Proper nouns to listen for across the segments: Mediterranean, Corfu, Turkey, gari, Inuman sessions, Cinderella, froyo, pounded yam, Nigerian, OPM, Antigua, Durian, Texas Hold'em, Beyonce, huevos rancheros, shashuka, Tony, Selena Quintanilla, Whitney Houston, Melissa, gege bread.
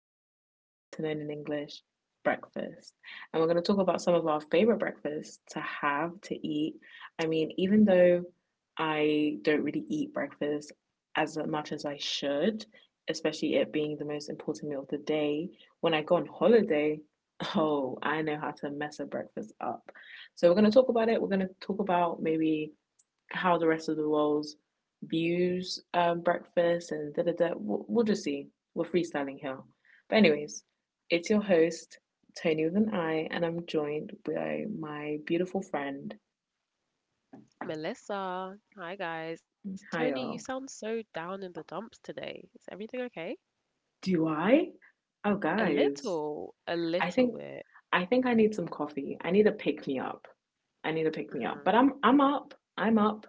better known in English, breakfast. And we're going to talk about some of our favorite breakfasts to have, to eat. I mean, even though I don't really eat breakfast as much as I should, especially it being the most important meal of the day, when I go on holiday, oh, I know how to mess a breakfast up. So we're going to talk about it. We're going to talk about maybe how the rest of the world views breakfast and da da da. We'll just see. We're freestyling here. But, anyways, it's your host, Tony with an I, and I'm joined by my beautiful friend. Melissa. Hi, guys. Tony, you Hi, sound all. so down in the dumps today. Is everything okay? Do I? Oh, A guys. little, a I little think. bit. I think I need some coffee. I need a pick me up. I need a pick me up. But hmm I'm up. I'm up.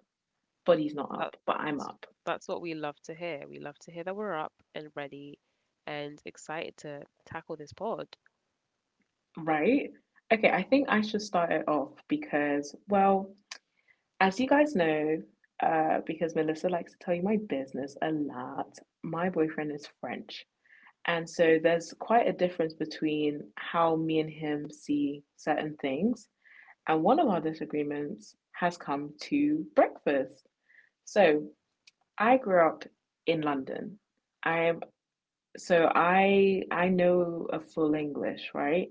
Body's not up, That's but I'm up. that's what we love to hear. We love to hear that we're up and ready and excited to tackle this pod. Right? Okay, I think I should start it off because well, as you guys know, because Melissa likes to tell you my business a lot, my boyfriend is French. And so there's quite a difference between how me and him see certain things. And one of our disagreements has come to breakfast. So I grew up in London. I so I know a full English, right?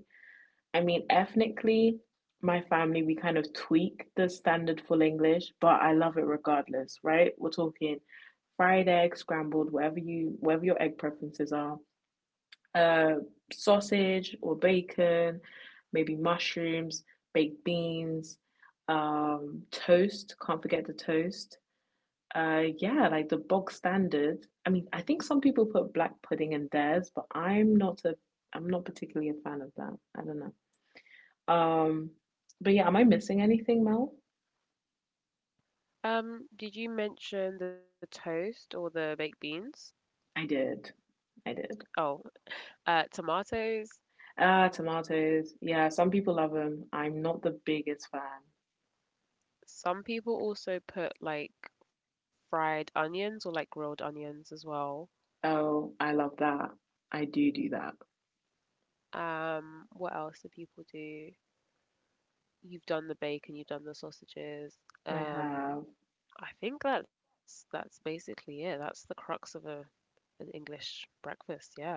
I mean, ethnically, my family, we kind of tweak the standard full English, but I love it regardless, right? We're talking fried egg, scrambled, whatever your egg preferences are, uh, sausage or bacon, maybe mushrooms, baked beans, toast. Can't forget the toast. Yeah, like the bog standard. I mean, I think some people put black pudding in theirs, but I'm not particularly a fan of that. I don't know. Um, but yeah, am I missing anything, Mel? Did you mention the toast or the baked beans? I did. I did. Oh, tomatoes. Tomatoes. Yeah, some people love them. I'm not the biggest fan. Some people also put like fried onions or like grilled onions as well. Oh, I love that. I do do that. What else do people do? You've done the bacon, you've done the sausages. I Um, have. I think that's basically it. That's the crux of a an English breakfast. Yeah.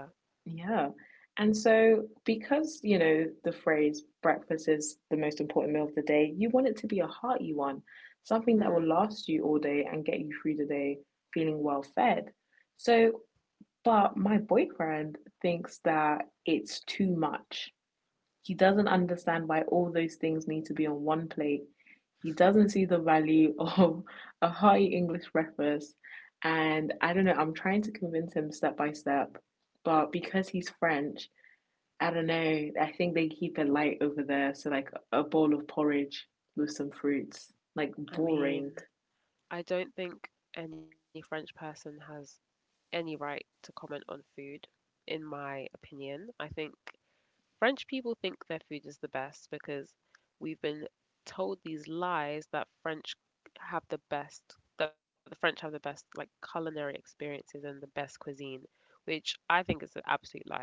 Yeah. And so, because, you know, the phrase breakfast is the most important meal of the day, you want it to be a hearty one, something that will Hmm. last you all day and get you through the day feeling well fed. So, But my boyfriend thinks that it's too much. He doesn't understand why all those things need to be on one plate. He doesn't see the value of a hearty English breakfast. And I don't know, I'm trying to convince him step by step. But because he's French, I don't know, I think they keep it light over there. So, like a bowl of porridge with some fruits, like I boring. mean, I don't think any French person has any right to comment on food, in my opinion. I think French people think their food is the best because we've been told these lies that French have the best, that the French have the best like culinary experiences and the best cuisine, which I think is an absolute lie.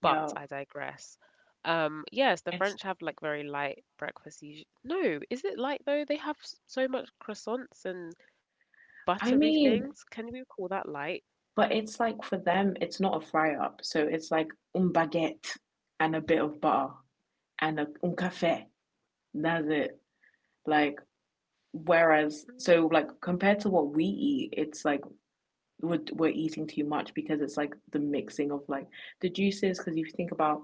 But Yeah, I digress. Yes, the it's, French have like very light breakfast. No, is it light though? They have so much croissants and buttery I things. mean, Can we call that light? But it's like for them, it's not a fry up. So it's like un baguette and a bit of butter and a un café. That's it. Like whereas Hmm. compared to what we eat, it's like we're eating too much because it's like the mixing of like the juices. Because if you think about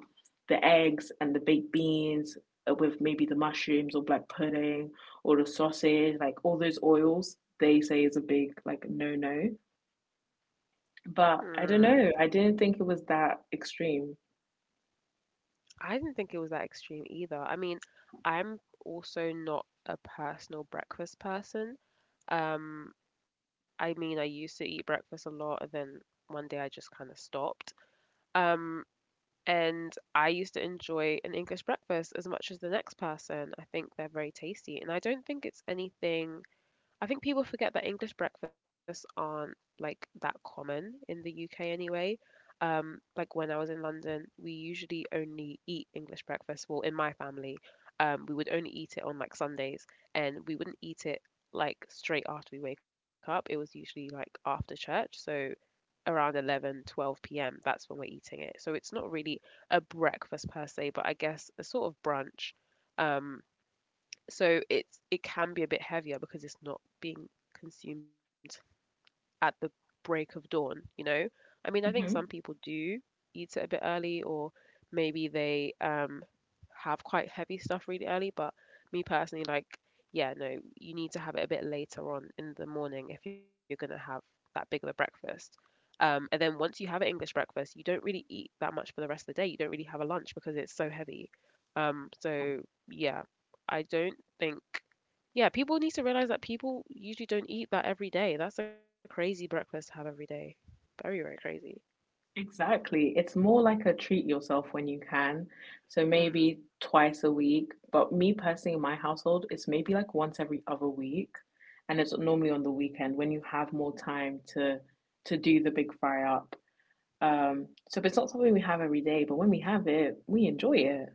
the eggs and the baked beans with maybe the mushrooms or black pudding or the sausage, like all those oils, they say is a big like no no. But I don't Hmm. know. I didn't think it was that extreme. I didn't think it was that extreme either. I mean, I'm also not a personal breakfast person. Um, I mean, I used to eat breakfast a lot, and then one day I just kind of stopped. Um, and I used to enjoy an English breakfast as much as the next person. I think they're very tasty, and I don't think it's anything. I think people forget that English breakfasts aren't like that common in the UK anyway. Like when I was in London, we usually only eat English breakfast. Well, in my family, we would only eat it on like Sundays, and we wouldn't eat it like straight after we wake up. It was usually like after church, so around 11, 12 p.m. That's when we're eating it. So it's not really a breakfast per se, but I guess a sort of brunch. Um, so it's it can be a bit heavier because it's not being consumed at the break of dawn, you know? I mean, I think some people hmm do eat it a bit early or maybe they have quite heavy stuff really early, but me personally like yeah, no, you need to have it a bit later on in the morning if you're going to have that big of a breakfast. And then once you have an English breakfast, you don't really eat that much for the rest of the day. You don't really have a lunch because it's so heavy. So yeah, I don't think. Yeah, people need to realize that people usually don't eat that every day. That's a crazy breakfast to have every day. Very, very crazy. Exactly. It's more like a treat yourself when you can. So Mm, maybe twice a week. But me personally, in my household, it's maybe like once every other week. And it's normally on the weekend when you have more time to do the big fry up. So if it's not something we have every day, but when we have it, we enjoy it.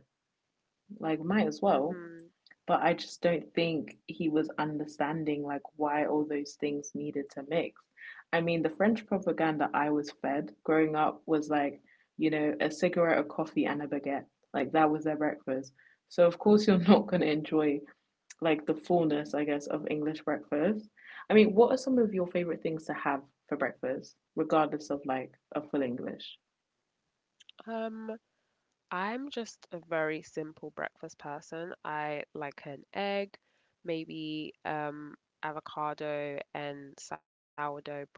Like might as well. mhm. But I just don't think he was understanding like why all those things needed to mix. I mean, the French propaganda I was fed growing up was like, you know, a cigarette, a coffee, and a baguette. Like that was their breakfast. So of course you're not going to enjoy like the fullness, I guess, of English breakfast. I mean, what are some of your favorite things to have for breakfast, regardless of like a full English? Um, I'm just a very simple breakfast person. I like an egg, maybe avocado and sourdough bread,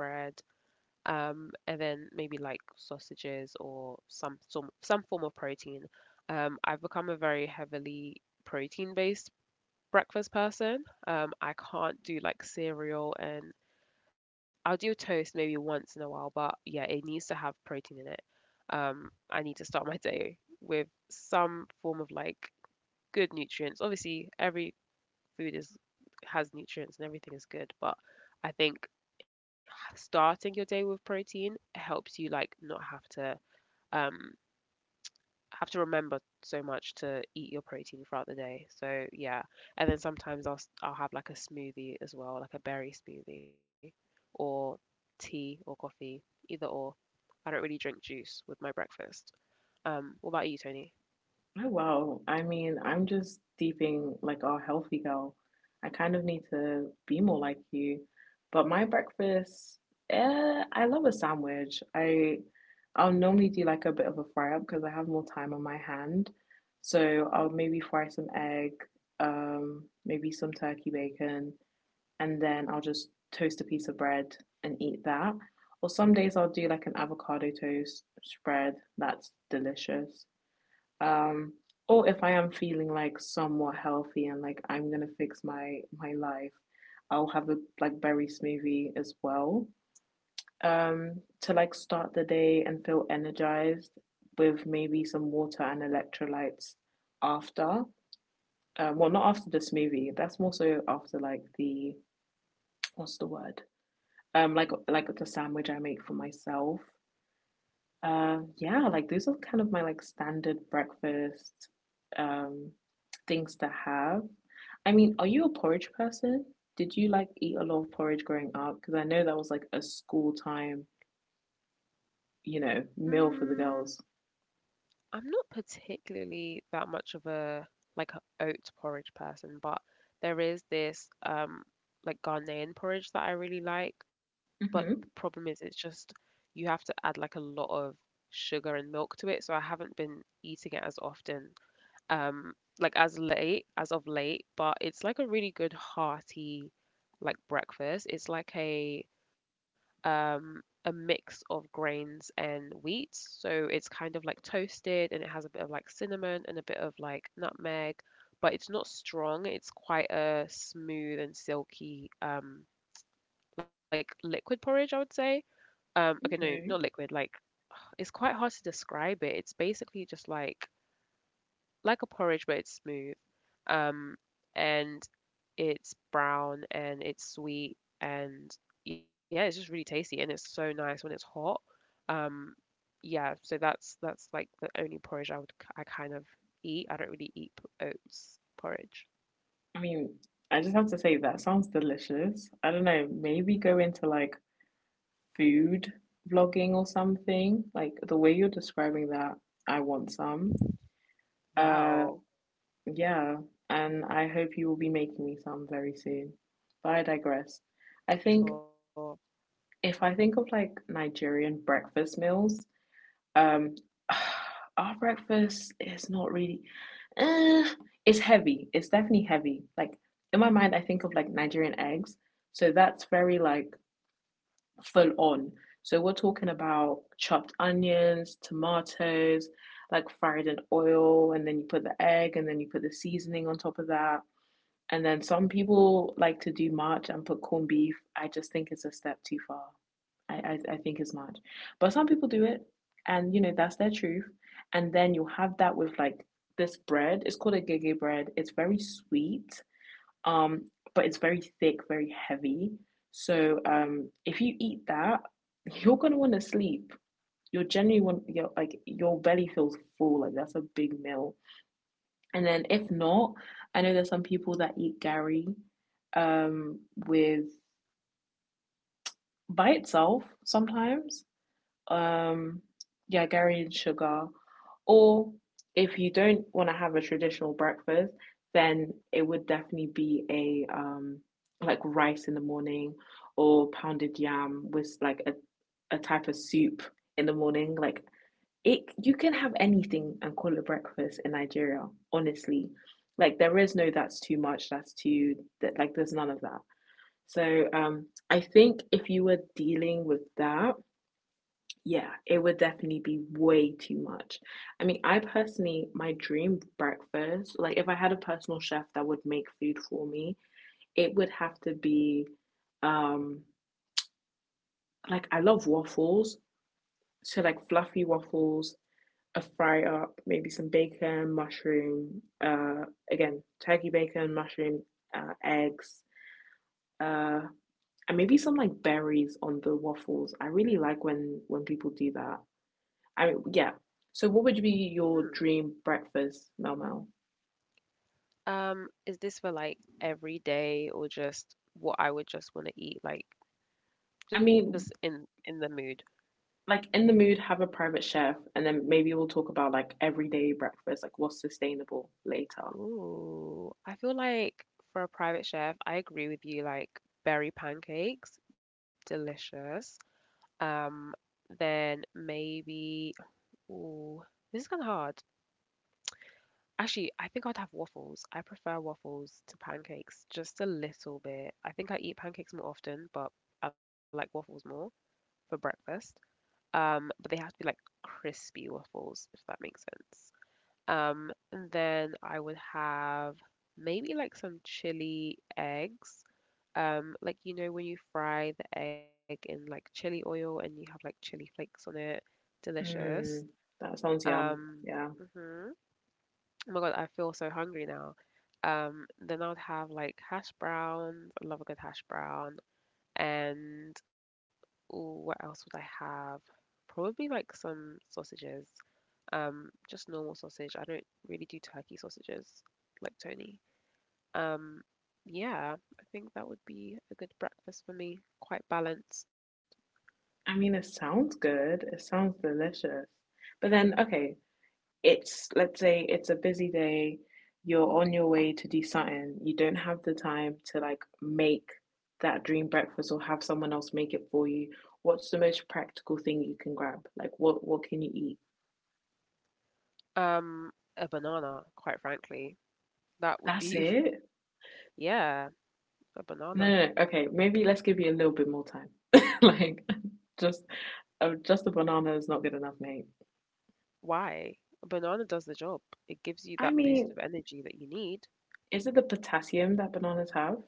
and then maybe like sausages or some form of protein. I've become a very heavily protein-based breakfast person. I can't do like cereal and. I'll do toast maybe once in a while, but yeah, it needs to have protein in it. I need to start my day with some form of like good nutrients. Obviously, every food is has nutrients and everything is good, but I think starting your day with protein helps you like not have to um have to remember so much to eat your protein throughout the day. So yeah, and then sometimes I'll have like a smoothie as well, like a berry smoothie, or tea or coffee, either or. I don't really drink juice with my breakfast. What about you, Tony? Oh, wow. I mean, I'm just deeping like our healthy girl. I kind of need to be more like you. But my breakfast, eh, I love a sandwich. I'll normally do like a bit of a fry up because I have more time on my hand. So I'll maybe fry some egg, maybe some turkey bacon, and then I'll just toast a piece of bread and eat that. Or some days I'll do like an avocado toast spread. That's delicious, um or if I am feeling like somewhat healthy and like I'm gonna fix my life, I'll have a like berry smoothie as well, um to like start the day and feel energized with maybe some water and electrolytes after. Well, not after the smoothie, that's more so after like the, what's the word, the sandwich I make for myself. Yeah, like those are kind of my like standard breakfast um things to have. I mean, are you a porridge person? Did you like eat a lot of porridge growing up? Because I know that was like a school time, you know, meal for the girls. I'm not particularly that much of a like a oat porridge person, but there is this like Ghanaian porridge that I really like. But the Hmm. problem is it's just you have to add like a lot of sugar and milk to it, so I haven't been eating it as often, um like as late as of late, but it's like a really good hearty like breakfast. It's like a mix of grains and wheat. So it's kind of like toasted and it has a bit of like cinnamon and a bit of like nutmeg, but it's not strong. It's quite a smooth and silky, like liquid porridge, I would say. Okay, no, Okay. not liquid. Like it's quite hard to describe it. It's basically just like a porridge, but it's smooth. Um, and it's brown and it's sweet and yeah, it's just really tasty and it's so nice when it's hot. Um, yeah, so that's like the only porridge I kind of eat. I don't really eat oats porridge. I mean, I just have to say that sounds delicious. I don't know, maybe go into like food vlogging or something. Like the way you're describing that, I want some. Uh, Wow, Yeah, and I hope you will be making me some very soon. But I digress. I think sure. if I think of like Nigerian breakfast meals, um, our breakfast is not really, eh, it's heavy. It's definitely heavy. Like in my mind, I think of like Nigerian eggs. So that's very like full on. So we're talking about chopped onions, tomatoes, like fried in oil, and then you put the egg, and then you put the seasoning on top of that and then some people like to do March and put corned beef. I just think it's a step too far. I, I think it's March. But some people do it, and you know, that's their truth. And then you'll have that with like this bread. It's called a gege bread. It's very sweet, um, but it's very thick, very heavy. So if you eat that, you're gonna want to sleep. You're generally want your like your belly feels full. Like that's a big meal. And then if not, I know there's some people that eat gari, um with by itself sometimes. Um yeah, gari and sugar. Or if you don't want to have a traditional breakfast, then it would definitely be a like rice in the morning or pounded yam with like a type of soup in the morning, like it you can have anything and call it breakfast in Nigeria, honestly. Like there is no that's too much, that's too that like there's none of that. So I think if you were dealing with that, yeah, it would definitely be way too much. I mean, I personally my dream breakfast, like if I had a personal chef that would make food for me, it would have to be um like I love waffles, so like fluffy waffles, a fry up, maybe some bacon, mushroom, again, turkey bacon, mushroom, eggs, uh, and maybe some like berries on the waffles. I really like when people do that. I mean, yeah. So, what would be your Hmm. dream breakfast, Mel Mel? Is this for like every day or just what I would just want to eat, like I just in mean, in the mood? like in the mood, have a private chef, and then maybe we'll talk about like everyday breakfast, like what's sustainable later. Ooh, I feel like for a private chef, I agree with you, like berry pancakes, delicious. Um, then maybe, ooh, this is kind of hard. Actually, I think I'd have waffles. I prefer waffles to pancakes just a little bit. I think I eat pancakes more often, but I like waffles more for breakfast. But they have to be like crispy waffles, if that makes sense. And then I would have maybe like some chili eggs. Like you know when you fry the egg in like chili oil and you have like chili flakes on it, delicious. Mm, that sounds yum. Um, Yeah. mhm. Oh my God, I feel so hungry now. Then I would have like hash browns. I love a good hash brown. And ooh, what else would I have? Probably like some sausages. Just normal sausage. I don't really do turkey sausages like Tony. Um, yeah, I think that would be a good breakfast for me. Quite balanced. I mean, it sounds good. It sounds delicious. But then, okay, it's let's say it's a busy day, you're on your way to do something, you don't have the time to like make that dream breakfast or have someone else make it for you. What's the most practical thing you can grab, like what can you eat? Um, a banana, quite frankly. That would That's be, it? yeah, a No, banana. no, no. Okay, maybe let's give you a little bit more time like just, just a banana is not good enough, mate. Why? A banana does the job. It gives you I that boost mean, of energy that you need. is it the potassium that bananas have?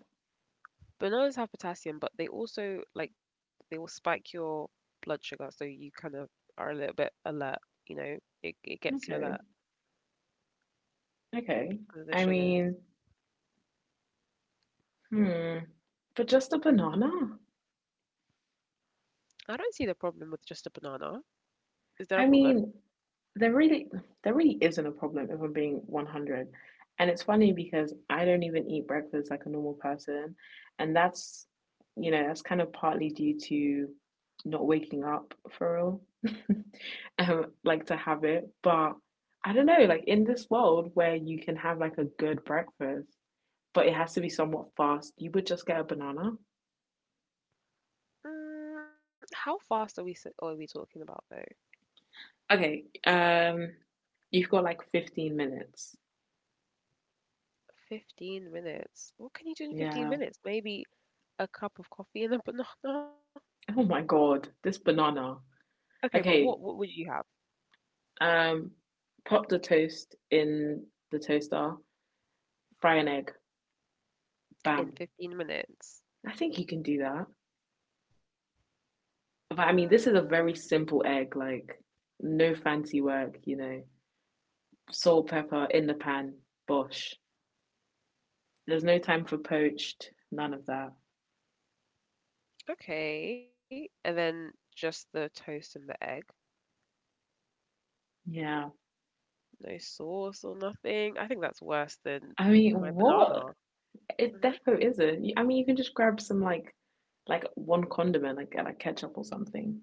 Bananas have potassium, but they also like they will spike your blood sugar, so you kind of are a little bit alert, you know. It gets you Okay. alert Okay. because of I the sugars. mean, hmm, but just a banana. I don't see the problem with just a banana. Is there a I problem? mean, there really, there really isn't a problem if I'm being 100. And it's funny because I don't even eat breakfast like a normal person, and that's, you know, that's kind of partly due to not waking up for real, like to have it. But I don't know, like in this world where you can have like a good breakfast, but it has to be somewhat fast, you would just get a banana. Mm, how fast are are we talking about though? Okay, you've got like 15 minutes. 15 minutes. What can you do in 15 Yeah. minutes? Maybe a cup of coffee and a banana. Oh my god, this banana. Okay, but what Okay, would you have um, Pop the toast in the toaster, fry an egg, bam. in 15 minutes? I think you can do that. But I mean, this is a Mm, very simple egg, like no fancy work, you know. Salt, pepper in the pan, bosh. There's no time for poached, none of that. okay, and then just the toast and the egg. Yeah. No sauce or nothing. I think that's worse than I mean, my what? banana. It Mhm. defo isn't. I mean, you can just grab some like one condiment, like ketchup or something.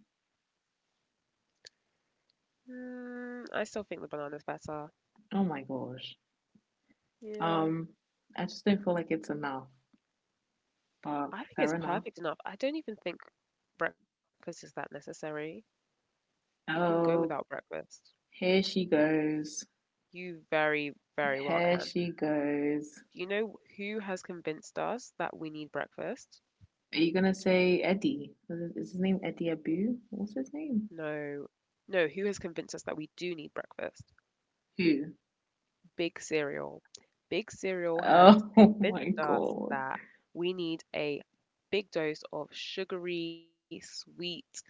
Mm, I still think the banana's better. Oh my gosh. Yeah. Um, I just don't feel like it's enough. But I think fair it's enough. perfect enough. I don't even think breakfast is that necessary. You can go without Oh, breakfast. here she goes. You very, very well Here can. she goes. Do you know who has convinced us that we need breakfast? Are you gonna say Eddie? Name Eddie Abu? What's his name? No. No, who has convinced us that we do need breakfast? Who? Big Cereal. Big Cereal has Oh my convinced us god. that we need a big dose of sugary, sweet,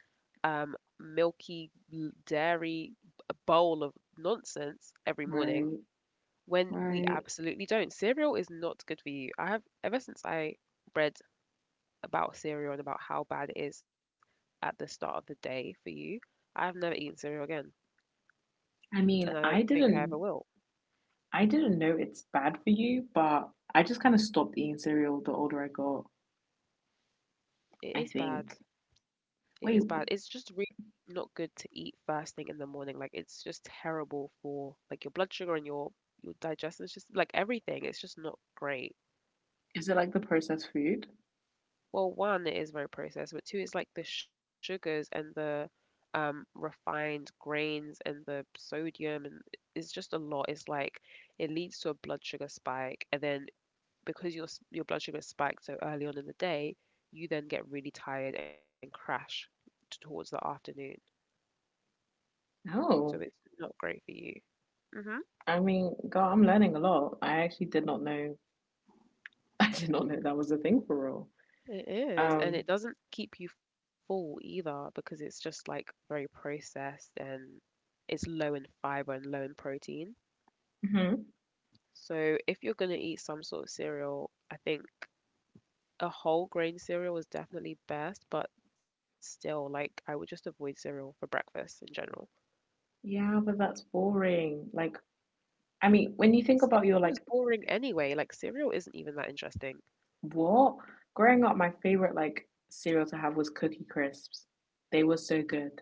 um, milky, dairy bowl of nonsense every morning Right, when we right. absolutely don't. Cereal is not good for you. I have, ever since I read about cereal and about how bad it is at the start of the day for you, I have never eaten cereal again, I mean, and I don't think I ever will. I didn't know it's bad for you, but I just kind of stopped eating cereal the older I got. It I is bad. think. It is bad. It's Wait, just really not good to eat first thing in the morning. Like it's just terrible for like your blood sugar and your digestion. It's just like everything. It's just not great. is it like the processed food? Well, one, it is very processed, but two, it's like the sugars and the refined grains and the sodium and it's just a lot. It's like it leads to a blood sugar spike, and then because your blood sugar spiked so early on in the day, you then get really tired and crash towards the afternoon. So it's Oh, not great for you. Mhm. I mean, God, I'm learning a lot. I actually did not know. I did not know that was a thing for real. It is, and Um, it doesn't keep you full either because it's just like very processed and it's low in fiber and low in protein. mhm. So if you're gonna eat some sort of cereal, I think a whole grain cereal is definitely best, but still, like I would just avoid cereal for breakfast in general. Yeah, but that's boring. I mean, when you think Cereal about your was like boring anyway, like cereal isn't even that interesting. what growing up, my favorite like cereal to have was Cookie Crisps. They were so good.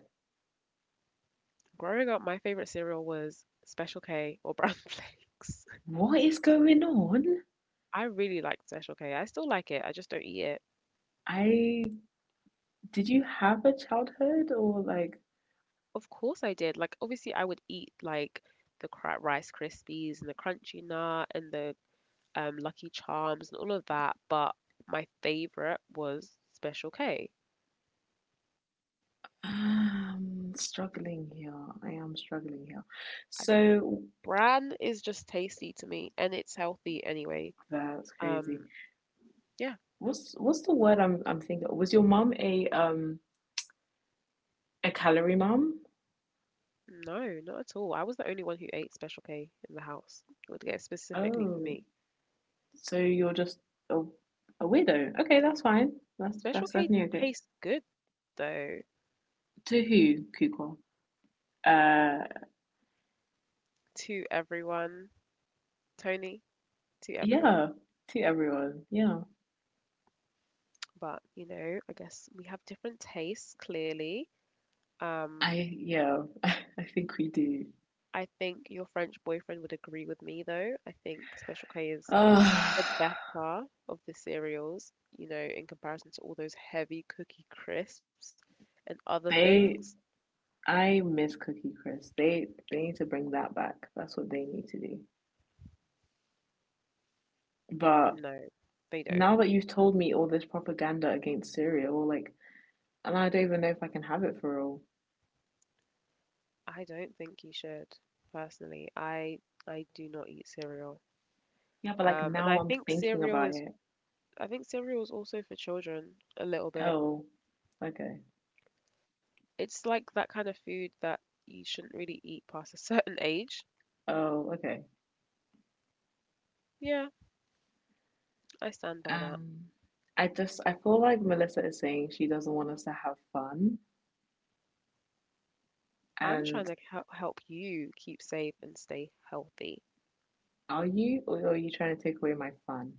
Growing up, my favorite cereal was Special K or Brown Flakes. What is going on? I really liked Special K. I still like it. I just don't eat it. I Did you have a childhood, or like Of course I did. Like obviously I would eat like Rice Krispies and the Crunchy Nut and the Lucky Charms and all of that, but my favorite was Special K. Struggling here? I am struggling here. I think So bran is just tasty to me and it's healthy anyway. that's crazy. Um, yeah, What's the word I'm thinking of? Was your mum a calorie mum? no, not at all. I was the only one who ate Special K in the house. It would get specifically for Oh, me. so you're just a, a weirdo. Okay, that's fine. That's Special that's K definitely okay. tastes good though To who, Kuko? Uh, to everyone, Tony. To everyone. yeah, to everyone. Yeah, But, you know, I guess we have different tastes, clearly. Um, I I, yeah, I think we do. I think your French boyfriend would agree with me, though. I think Special K is Ah, the better of the cereals, you know, in comparison to all those heavy cookie crisps and other things. they. I miss Cookie Crisp. They need to bring that back. That's what they need to do. But No, they don't. now that you've told me all this propaganda against Syria, well, like, and I don't even know if I can have it for all. I don't think you should, personally. I do not eat cereal. Yeah, but like And now I'm thinking about it. I think cereal is also for children a little bit. Oh, okay. It's like that kind of food that you shouldn't really eat past a certain age. Oh, okay. Yeah, I stand by that. Um, I just I feel like Melissa is saying she doesn't want us to have fun. I'm trying to And help you keep safe and stay healthy. are you, or are you trying to take away my fun?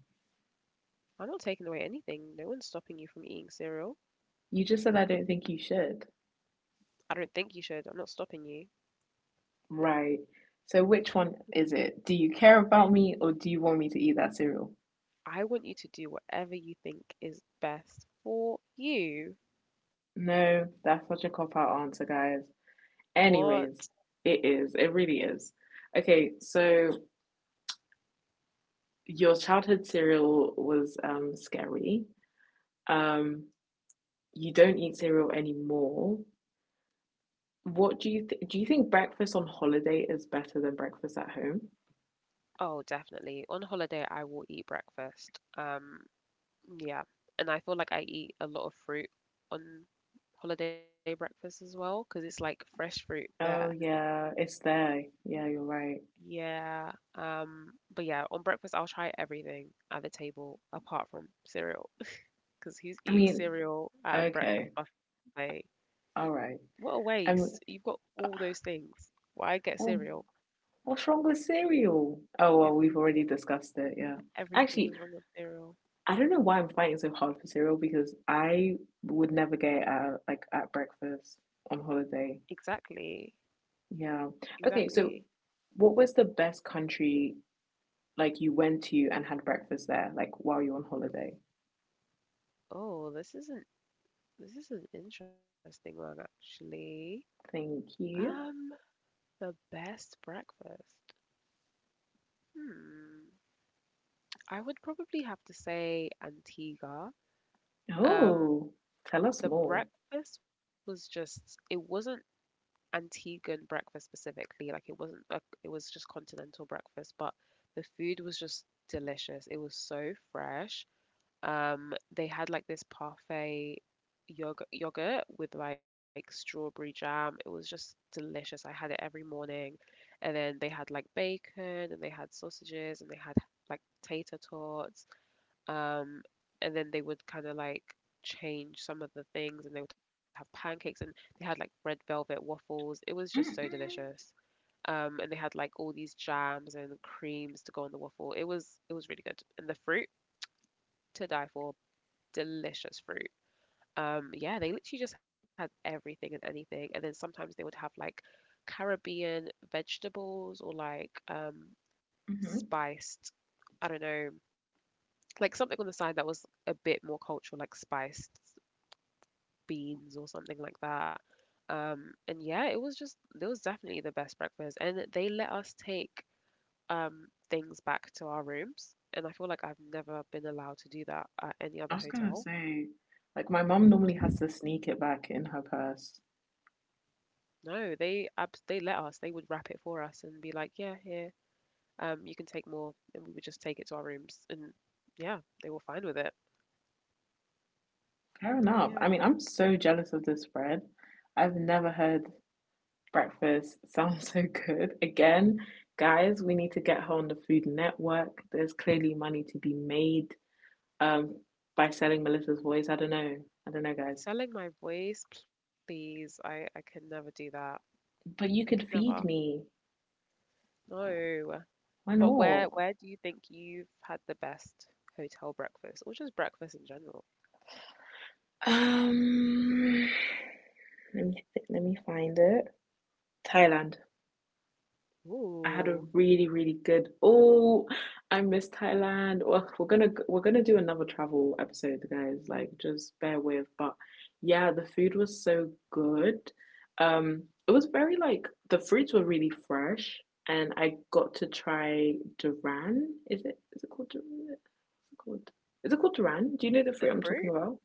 I'm not taking away anything. No one's stopping you from eating cereal. You just said I don't think you should. I don't think you should. I'm not stopping you. Right. So which one is it? Do you care about me, or do you want me to eat that cereal? I want you to do whatever you think is best for you. No, that's such a cop out answer, guys. What? Anyways, it is. It really is. Okay, so your childhood cereal was scary. Um, you don't eat cereal anymore. What do you th- do? You think breakfast on holiday is better than breakfast at home? Oh, definitely. On holiday, I will eat breakfast. Yeah, and I feel like I eat a lot of fruit on holiday breakfast as well because it's like fresh fruit there. Oh yeah, it's there. Yeah, you're right. Yeah. But yeah, on breakfast I'll try everything at the table apart from cereal because who's I eating mean, cereal at a breakfast okay, buffet? all What right. a waste. I You've mean, got all those things. Why get well, cereal? what's wrong with cereal? Oh well, we've already Everything. discussed it. Yeah, Everything actually, is wrong with cereal. I don't know why I'm fighting so hard for cereal, because I would never get it at, like at breakfast on holiday. Exactly. Yeah. Okay, so Exactly. what was the best country like you went to and had breakfast there, like while you are on holiday? Oh, this isn't this is an interesting one actually. Thank you. Um, The best breakfast? Hmm. I would probably have to say Antigua. Um, Oh, tell us the more. breakfast was just, it wasn't Antiguan breakfast specifically. Like it wasn't a, it was just continental breakfast, but the food was just delicious. It was so fresh. They had like this parfait yogurt with like strawberry jam. It was just delicious. I had it every morning. And then they had like bacon and they had sausages and they had like tater tots. Um, and then they would kind of like change some of the things and they would have pancakes and they had like red velvet waffles. It was just so delicious. Mm, And they had like all these jams and creams to go on the waffle. It was really good. And the fruit to die for, delicious fruit. Yeah, they literally just had everything and anything, and then sometimes they would have like Caribbean vegetables or like hmm. spiced, I don't know, like something on the side that was a bit more cultural, like spiced beans or something like that. And yeah, it was definitely the best breakfast, and they let us take things back to our rooms, and I feel like I've never been allowed to do that at any I other was gonna hotel. say, like my mom normally has to sneak it back in her purse. No, they let us. They would wrap it for us and be like, "Yeah, here, you can take more," and we would just take it to our rooms. And yeah, they were fine with it. Fair enough. I mean, Yeah, I'm so jealous of this spread. I've never heard breakfast sound so good. Again, guys, we need to get her on the Food Network. There's clearly money to be made um by selling Melissa's voice. I don't know. I don't know, guys. selling my voice, please. I could never do that. I But you could could never. feed me. No. Why But where not? where do you think you've had the best hotel breakfast, or just breakfast in general? Um, Let me find it. Thailand. I had a Ooh, really, really good. Oh, I miss Thailand. Well, we're gonna do another travel episode, guys. Like, just bear with. But yeah, the food was so good. It was very like the fruits were really fresh, and I got to try Duran. Is it called Duran? What's it called? Is it called Duran? Do you know the fruit the I'm talking fruit. about?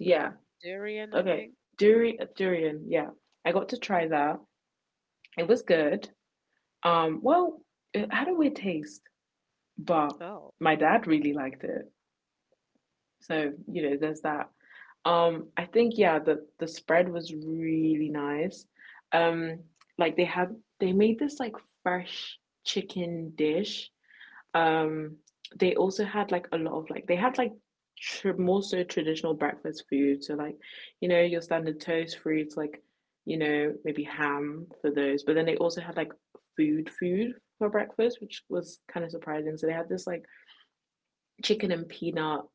Yeah. Yeah, durian, I Okay. think. Durian. Durian. Yeah. I got to try that. It was good. Um, well, how do we taste, but Oh, my dad really liked it. So, you know, there's that. I think yeah, the spread was really nice. Um, like they had they made this like fresh chicken dish, um, they also had like a lot of like they had like more so traditional breakfast food. So like, you know, your standard toast, fruits, like, you know, maybe ham for those. But then they also had like food for breakfast, which was kind of surprising. So they had this like chicken and peanut,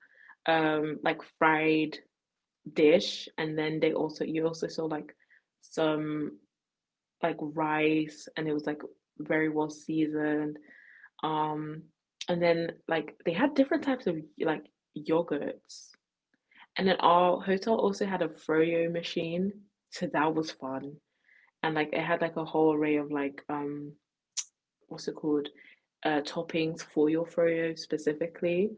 like fried dish, and then they also you also saw like some like rice, and it was like very well seasoned. Um, and then like they had different types of like yogurts. And then our hotel also had a froyo machine, so that was fun. And like it had like a whole array of like what's it called? Toppings for your froyo specifically.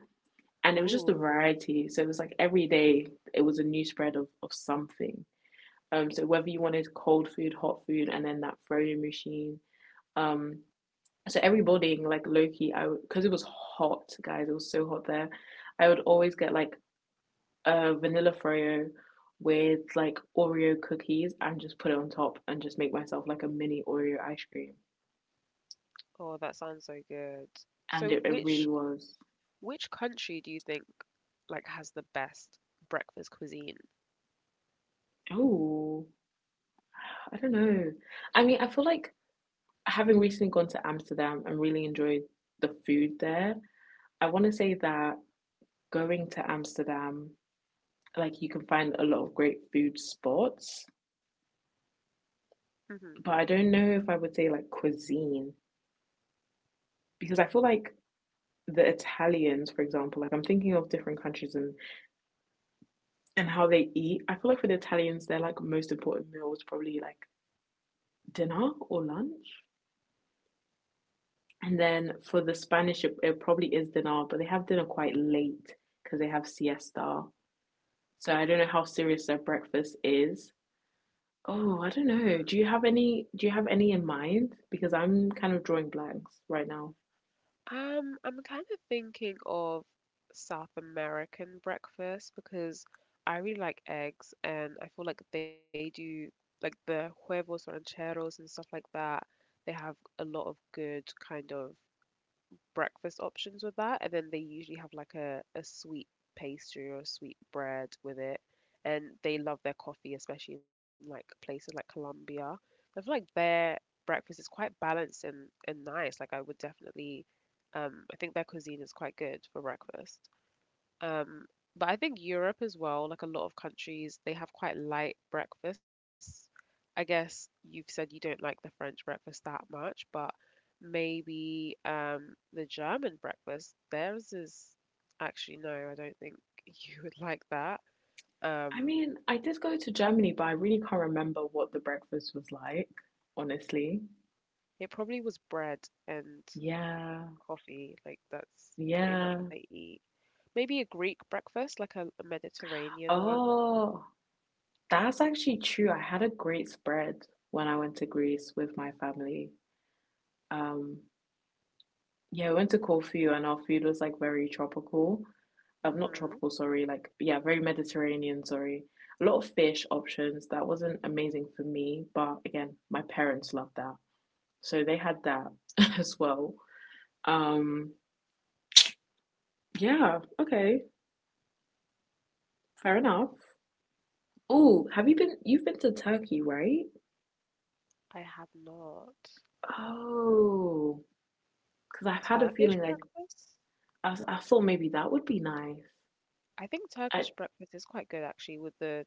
And it was just a ooh, variety. So it was like every day it was a new spread of something. So whether you wanted cold food, hot food, and then that froyo machine, um, so every morning, like Loki, I because it was hot, guys. It was so hot there. I would always get like a vanilla froyo with like Oreo cookies and just put it on top and just make myself like a mini Oreo ice cream. oh, that sounds so good. And So, it really which was. Which country do you think like has the best breakfast cuisine? Oh, I don't know. I mean, I feel like having recently gone to Amsterdam and really enjoyed the food there. I want to say that going to Amsterdam, like you can find a lot of great food spots, Hmm. but I don't know if I would say like cuisine, because I feel like the Italians, for example, like I'm thinking of different countries and how they eat. I feel like for the Italians, their like most important meal is probably like dinner or lunch, and then for the Spanish, it probably is dinner, but they have dinner quite late because they have siesta. So I don't know how serious their breakfast is. Oh, I don't Mm. know. Do you have any? Do you have any in mind? Because I'm kind of drawing blanks right now. I'm kind of thinking of South American breakfast because I really like eggs and I feel like they do like the huevos rancheros and stuff like that. They have a lot of good kind of breakfast options with that, and then they usually have like a sweet pastry or a sweet bread with it. And they love their coffee, especially in like places like Colombia. I feel like their breakfast is quite balanced and nice. Like I would definitely I think their cuisine is quite good for breakfast. Um, but I think Europe as well, like a lot of countries, they have quite light breakfasts. I guess you've said you don't like the French breakfast that much, but maybe the German breakfast, theirs is actually no, I don't think you would like that. I Um, mean, I did go to Germany, but I really can't remember what the breakfast was like, honestly. it probably was bread and Yeah, coffee, like that's pretty much what yeah. they eat. Maybe a Greek breakfast, like a Mediterranean one. Oh, that's actually true. I had a great spread when I went to Greece with my family. Um, yeah, we went to Corfu and our food was like very tropical. Not Hmm. tropical, sorry, like yeah, very Mediterranean, sorry. A lot of fish options. That wasn't amazing for me, but again, my parents loved that. So they had that as well. Um, Yeah, okay. Fair enough. Oh, have you been you've been to Turkey, right? I have not. Oh, because I've had a Turkish feeling like breakfast? I thought maybe that would be nice. I think I, Turkish breakfast is quite good actually with the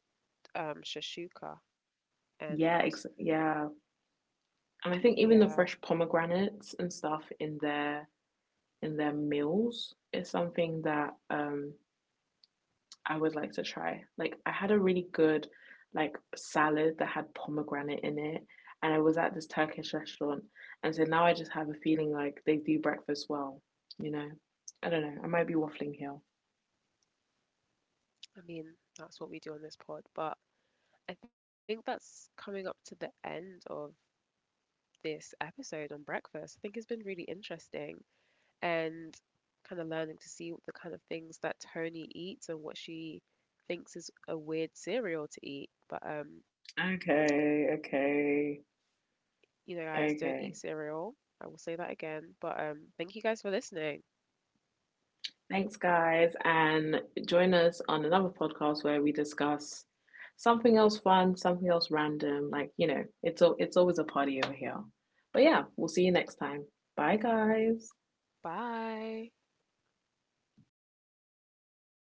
shashuka and yeah, ex yeah. And I think even yeah, the fresh pomegranates and stuff in their meals is something that I would like to try. Like I had a really good like salad that had pomegranate in it, and I was at this Turkish restaurant, and so now I just have a feeling like they do breakfast well, you know. I don't know. I might be waffling here. I mean that's what we do on this pod, but I think that's coming up to the end of this episode on breakfast. I think it's been really interesting and kind of learning to see the kind of things that Tony eats and what she thinks is a weird cereal to eat. But Okay, okay, you know, guys, don't eat okay. cereal. I will say that again. But thank you guys for listening. Thanks guys, and join us on another podcast where we discuss something else fun, something else random, like, you know, it's always a party over here. But yeah, we'll see you next time. Bye guys. Bye.